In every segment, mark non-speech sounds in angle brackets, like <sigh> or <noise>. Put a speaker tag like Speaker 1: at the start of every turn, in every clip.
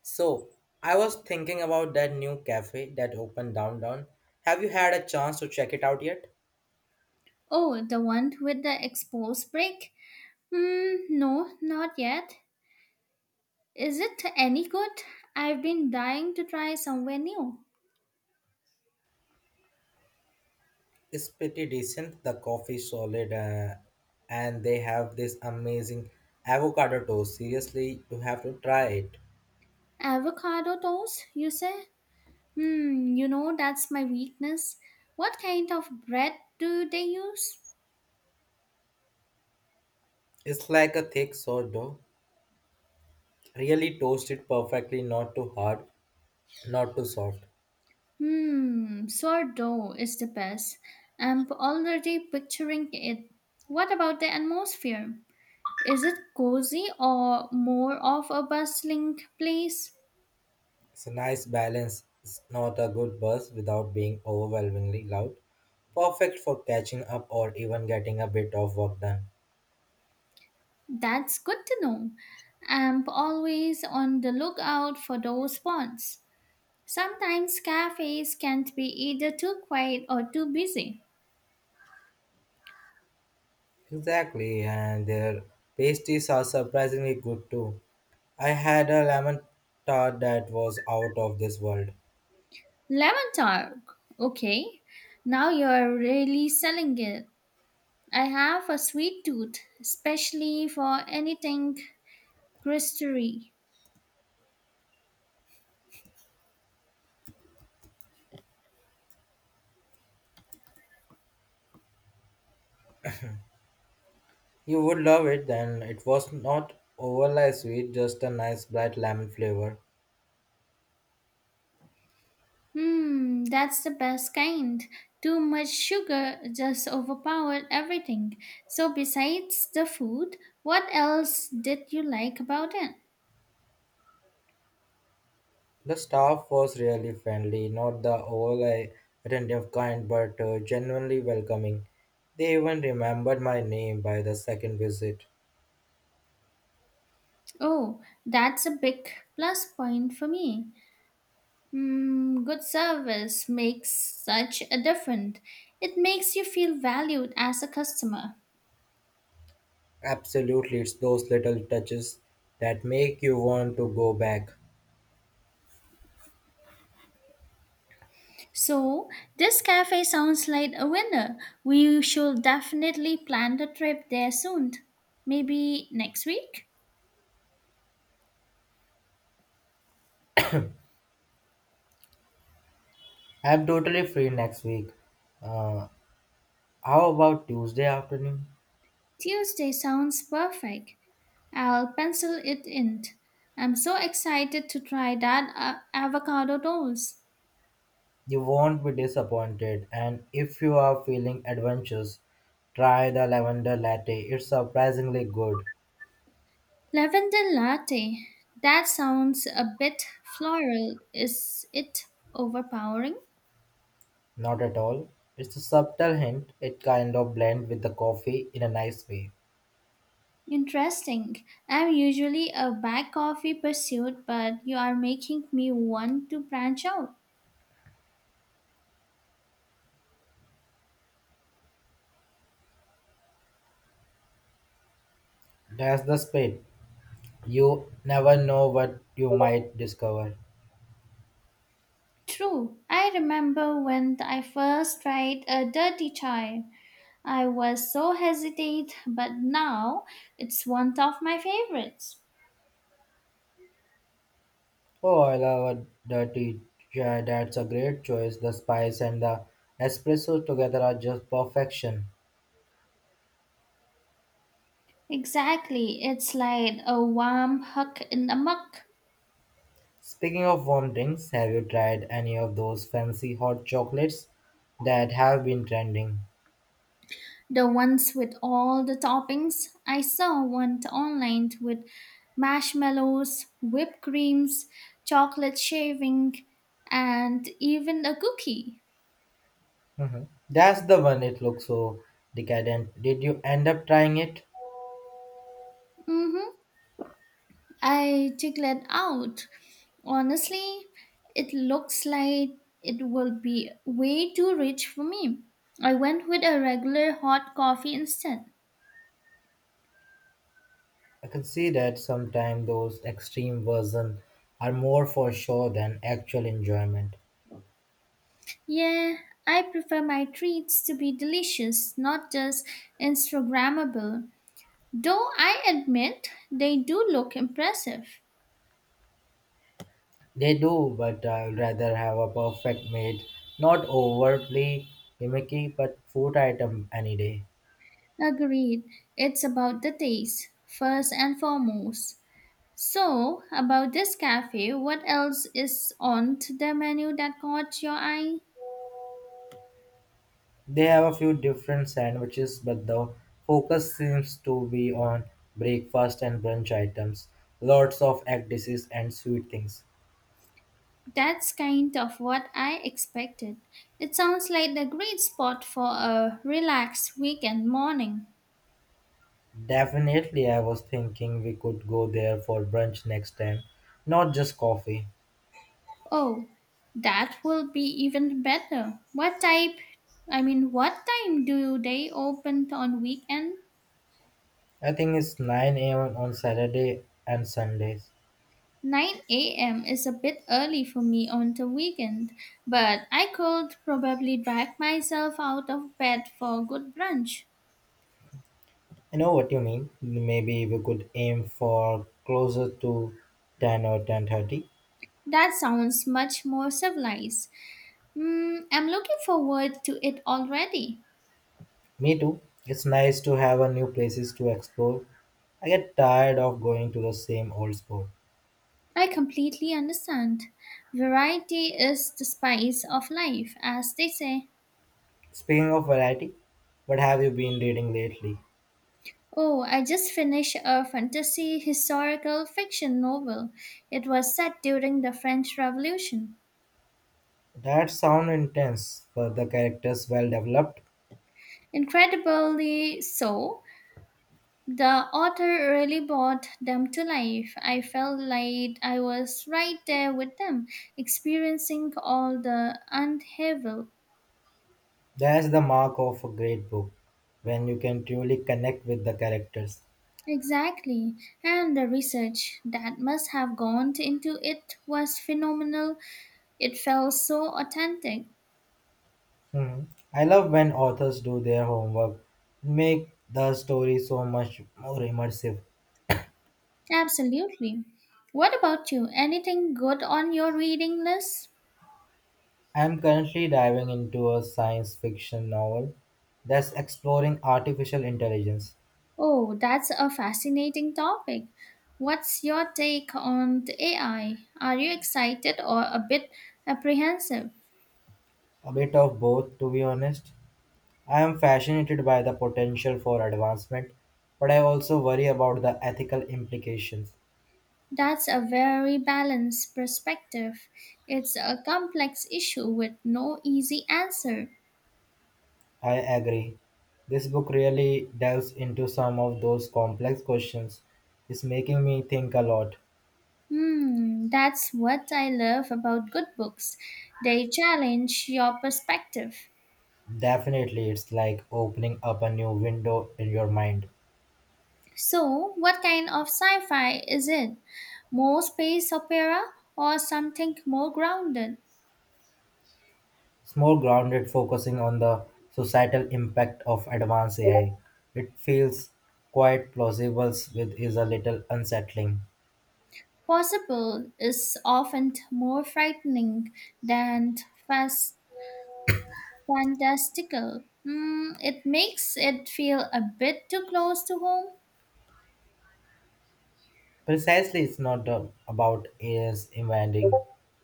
Speaker 1: So, I was thinking about that new cafe that opened downtown. Have you had a chance to check it out yet?
Speaker 2: Oh, the one with the exposed brick? Hmm. No, not yet. Is it any good? I've been dying to try somewhere new.
Speaker 1: It's pretty decent. The coffee solid, and they have this amazing avocado toast. Seriously, you have to try it.
Speaker 2: Avocado toast, you say? You know that's my weakness. What kind of bread do they use?
Speaker 1: It's like a thick sourdough, really toasted perfectly, not too hard, not too soft.
Speaker 2: Sourdough is the best. I'm already picturing it. What about the atmosphere? Is it cozy or more of a bustling place?
Speaker 1: It's a nice balance. It's not a good buzz without being overwhelmingly loud. Perfect for catching up or even getting a bit of work done.
Speaker 2: That's good to know. I'm always on the lookout for those spots. Sometimes cafes can't be either too quiet or too busy.
Speaker 1: Exactly, and their pasties are surprisingly good too. I had a lemon tart that was out of this world.
Speaker 2: Lemon Talk. Okay, now you're really selling it. I have a sweet tooth, especially for anything crustery.
Speaker 1: You would love it, and it was not overly sweet, just a nice bright lemon flavor.
Speaker 2: That's the best kind. Too much sugar just overpowered everything. So, besides the food, what else did you like about it?
Speaker 1: The staff was really friendly, not the overly attentive kind, but genuinely welcoming. They even remembered my name by the second visit.
Speaker 2: Oh, that's a big plus point for me. Good service makes such a difference. It makes you feel valued as a customer.
Speaker 1: Absolutely, it's those little touches that make you want to go back.
Speaker 2: So, this cafe sounds like a winner. We should definitely plan the trip there soon. Maybe next week?
Speaker 1: I'm totally free next week. Uh, how about Tuesday afternoon?
Speaker 2: Tuesday sounds perfect. I'll pencil it in. I'm so excited to try that avocado toast.
Speaker 1: You won't be disappointed, and if you are feeling adventurous, try the lavender latte. It's surprisingly good.
Speaker 2: Lavender latte. That sounds a bit floral. Is it overpowering?
Speaker 1: Not at all. It's a subtle hint. It kind of blends with the coffee in a nice way.
Speaker 2: Interesting. I'm usually a black coffee pursuit, but you are making me want to branch out.
Speaker 1: That's the spirit. You never know what you might discover.
Speaker 2: True. I remember when I first tried a dirty chai. I was so hesitant, but now it's one of my favorites.
Speaker 1: Oh, I love a dirty chai. That's a great choice. The spice and the espresso together are just perfection.
Speaker 2: Exactly, it's like a warm hug in the muck.
Speaker 1: Speaking of warm drinks, have you tried any of those fancy hot chocolates that have been trending?
Speaker 2: The ones with all the toppings. I saw one online with marshmallows, whipped creams, chocolate shaving, and even a cookie.
Speaker 1: Mhm. That's the one, it looks so decadent. Did you end up trying it?
Speaker 2: Mhm. I checked that out. Honestly, it looks like it will be way too rich for me. I went with a regular hot coffee instead.
Speaker 1: I can see that sometimes those extreme versions are more for show than actual enjoyment.
Speaker 2: Yeah, I prefer my treats to be delicious, not just Instagrammable. Though I admit they do look impressive.
Speaker 1: They do, but I'd rather have a perfect made, not overtly gimmicky, but food item any day.
Speaker 2: Agreed, it's about the taste, first and foremost. So, about this cafe, what else is on to the menu that caught your eye?
Speaker 1: They have a few different sandwiches, but the focus seems to be on breakfast and brunch items. Lots of egg dishes and sweet things.
Speaker 2: That's kind of what I expected. It sounds like a great spot for a relaxed weekend morning.
Speaker 1: Definitely, I was thinking we could go there for brunch next time, not just coffee.
Speaker 2: Oh, that will be even better. What type, I mean, What time do they open on weekend?
Speaker 1: I think it's 9 a.m. on Saturday and Sundays.
Speaker 2: 9 a.m. is a bit early for me on the weekend, but I could probably drag myself out of bed for a good brunch.
Speaker 1: I know what you mean. Maybe we could aim for closer to 10 or 10:30.
Speaker 2: That sounds much more civilized. I'm looking forward to it already.
Speaker 1: Me too. It's nice to have a new places to explore. I get tired of going to the same old spot.
Speaker 2: I completely understand. Variety is the spice of life, as they say.
Speaker 1: Speaking of variety, what have you been reading lately?
Speaker 2: Oh, I just finished a fantasy historical fiction novel. It was set during the French Revolution.
Speaker 1: That sound intense, but the characters well developed.
Speaker 2: Incredibly so, the author really brought them to life. I felt like I was right there with them, experiencing all the unhevel.
Speaker 1: That's the mark of a great book, when you can truly connect with the characters.
Speaker 2: Exactly, and the research that must have gone into it was phenomenal. It felt so authentic.
Speaker 1: Hmm. I love when authors do their homework, make the story so much more immersive.
Speaker 2: Absolutely. What about you? Anything good on your reading list?
Speaker 1: I am currently diving into a science fiction novel that's exploring artificial intelligence.
Speaker 2: Oh, that's a fascinating topic. What's your take on the AI? Are you excited or a bit apprehensive?
Speaker 1: A bit of both, to be honest. I am fascinated by the potential for advancement, but I also worry about the ethical implications.
Speaker 2: That's a very balanced perspective. It's a complex issue with no easy answer.
Speaker 1: I agree. This book really delves into some of those complex questions. It's making me think a lot.
Speaker 2: That's what I love about good books. They challenge your perspective.
Speaker 1: Definitely, it's like opening up a new window in your mind.
Speaker 2: So, what kind of sci fi is it? More space opera or something more grounded?
Speaker 1: It's more grounded, focusing on the societal impact of advanced AI. It feels quite plausible, with is a little unsettling.
Speaker 2: Possible is often more frightening than fast fantastical. It makes it feel a bit too close to home.
Speaker 1: Precisely, it's not about AI's inventing,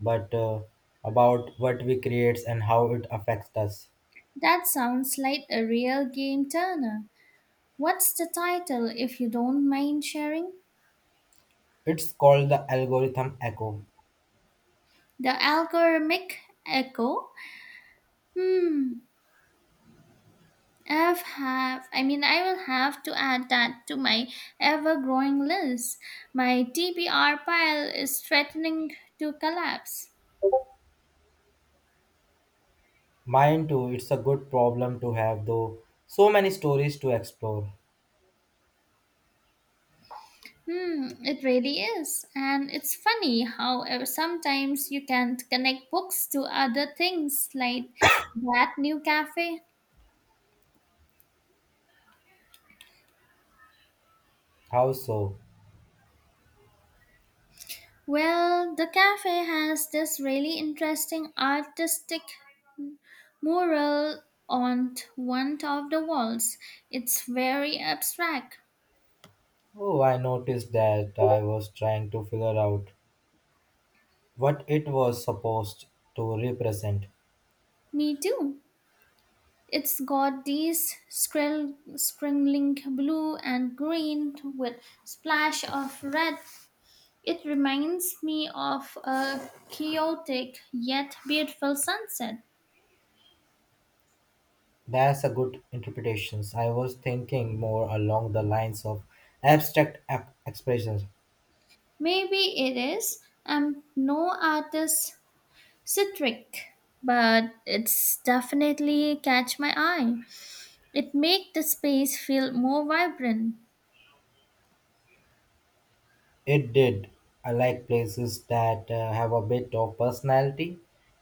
Speaker 1: but about what we create and how it affects us.
Speaker 2: That sounds like a real game turner. What's the title, if you don't mind sharing?
Speaker 1: It's called the algorithm echo.
Speaker 2: The Algorithmic Echo? Hmm, I will have to add that to my ever growing list. My TBR pile is threatening to collapse.
Speaker 1: Mine too, it's a good problem to have, though. So many stories to explore.
Speaker 2: It really is. And it's funny how sometimes you can connect books to other things like that new cafe.
Speaker 1: How so?
Speaker 2: Well, the cafe has this really interesting artistic mural on one of the walls. It's very abstract.
Speaker 1: Oh, I noticed that I was trying to figure out what it was supposed to represent.
Speaker 2: Me too. It's got these scribbling blue and green with splash of red. It reminds me of a chaotic yet beautiful sunset.
Speaker 1: That's a good interpretation. I was thinking more along the lines of expressions.
Speaker 2: Maybe it is. I'm no artist citric, but it's definitely catch my eye. It makes the space feel more vibrant.
Speaker 1: It did. I like places that have a bit of personality,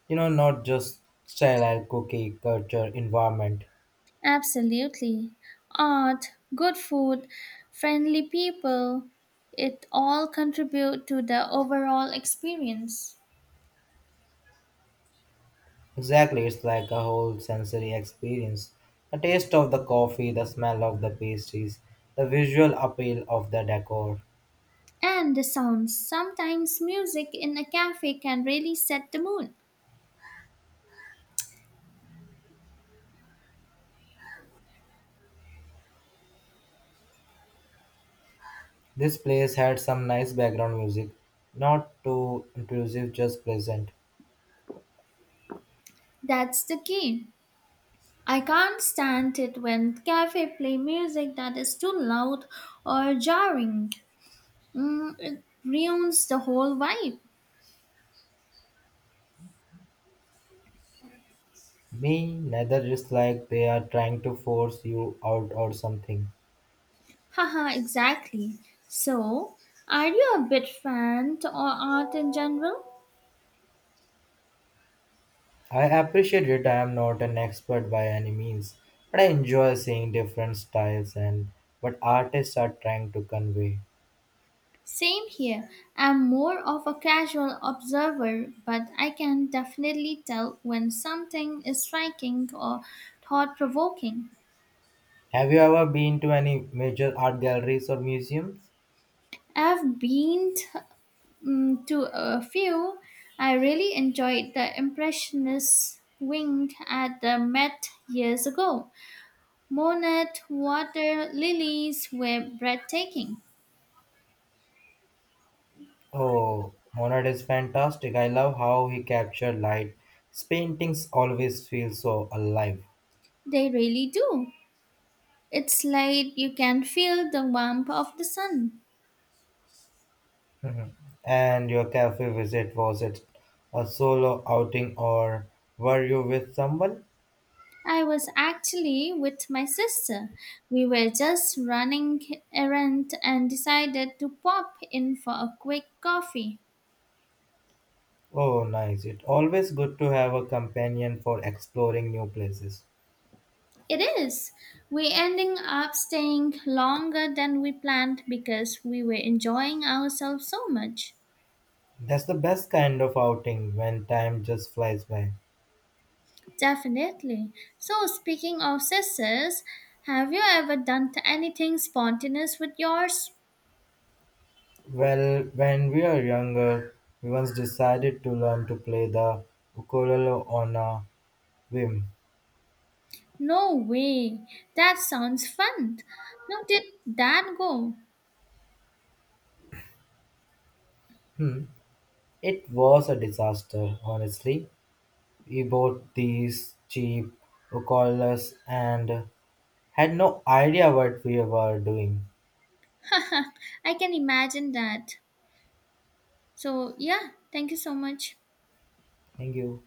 Speaker 1: you know, not just sterile cookie culture environment.
Speaker 2: Absolutely. Art, good food, friendly people, it all contribute to the overall experience.
Speaker 1: Exactly, it's like a whole sensory experience. A taste of the coffee, the smell of the pastries, the visual appeal of the decor.
Speaker 2: And the sounds. Sometimes music in a cafe can really set the mood.
Speaker 1: This place had some nice background music, not too intrusive, just pleasant.
Speaker 2: That's the key. I can't stand it when cafe play music that is too loud or jarring. It ruins the whole vibe.
Speaker 1: Me neither is like they are trying to force you out or something.
Speaker 2: Haha, exactly. So, are you a bit fan or art in general?
Speaker 1: I appreciate it. I am not an expert by any means, but I enjoy seeing different styles and what artists are trying to convey.
Speaker 2: Same here. I'm more of a casual observer, but I can definitely tell when something is striking or thought provoking.
Speaker 1: Have you ever been to any major art galleries or museums?
Speaker 2: I've been t- mm, To a few. I really enjoyed the Impressionist wing at the Met years ago. Monet water lilies were breathtaking.
Speaker 1: Oh, Monet is fantastic. I love how he captured light. His paintings always feel so alive.
Speaker 2: They really do. It's like you can feel the warmth of the sun.
Speaker 1: And your cafe visit, was it a solo outing or were you with someone?
Speaker 2: I was actually with my sister. We were just running errand and decided to pop in for a quick coffee.
Speaker 1: Oh, nice. It's always good to have a companion for exploring new places.
Speaker 2: It is. We ending up staying longer than we planned because we were enjoying ourselves so much.
Speaker 1: That's the best kind of outing when time just flies by.
Speaker 2: Definitely. So speaking of sisters, have you ever done anything spontaneous with yours?
Speaker 1: Well, when we were younger, we once decided to learn to play the ukulele on a whim.
Speaker 2: No way. That sounds fun. How did that go?
Speaker 1: Hmm. It was a disaster, honestly. We bought these cheap ukuleles and had no idea what we were doing.
Speaker 2: <laughs> I can imagine that. So, yeah, thank you so much.
Speaker 1: Thank you.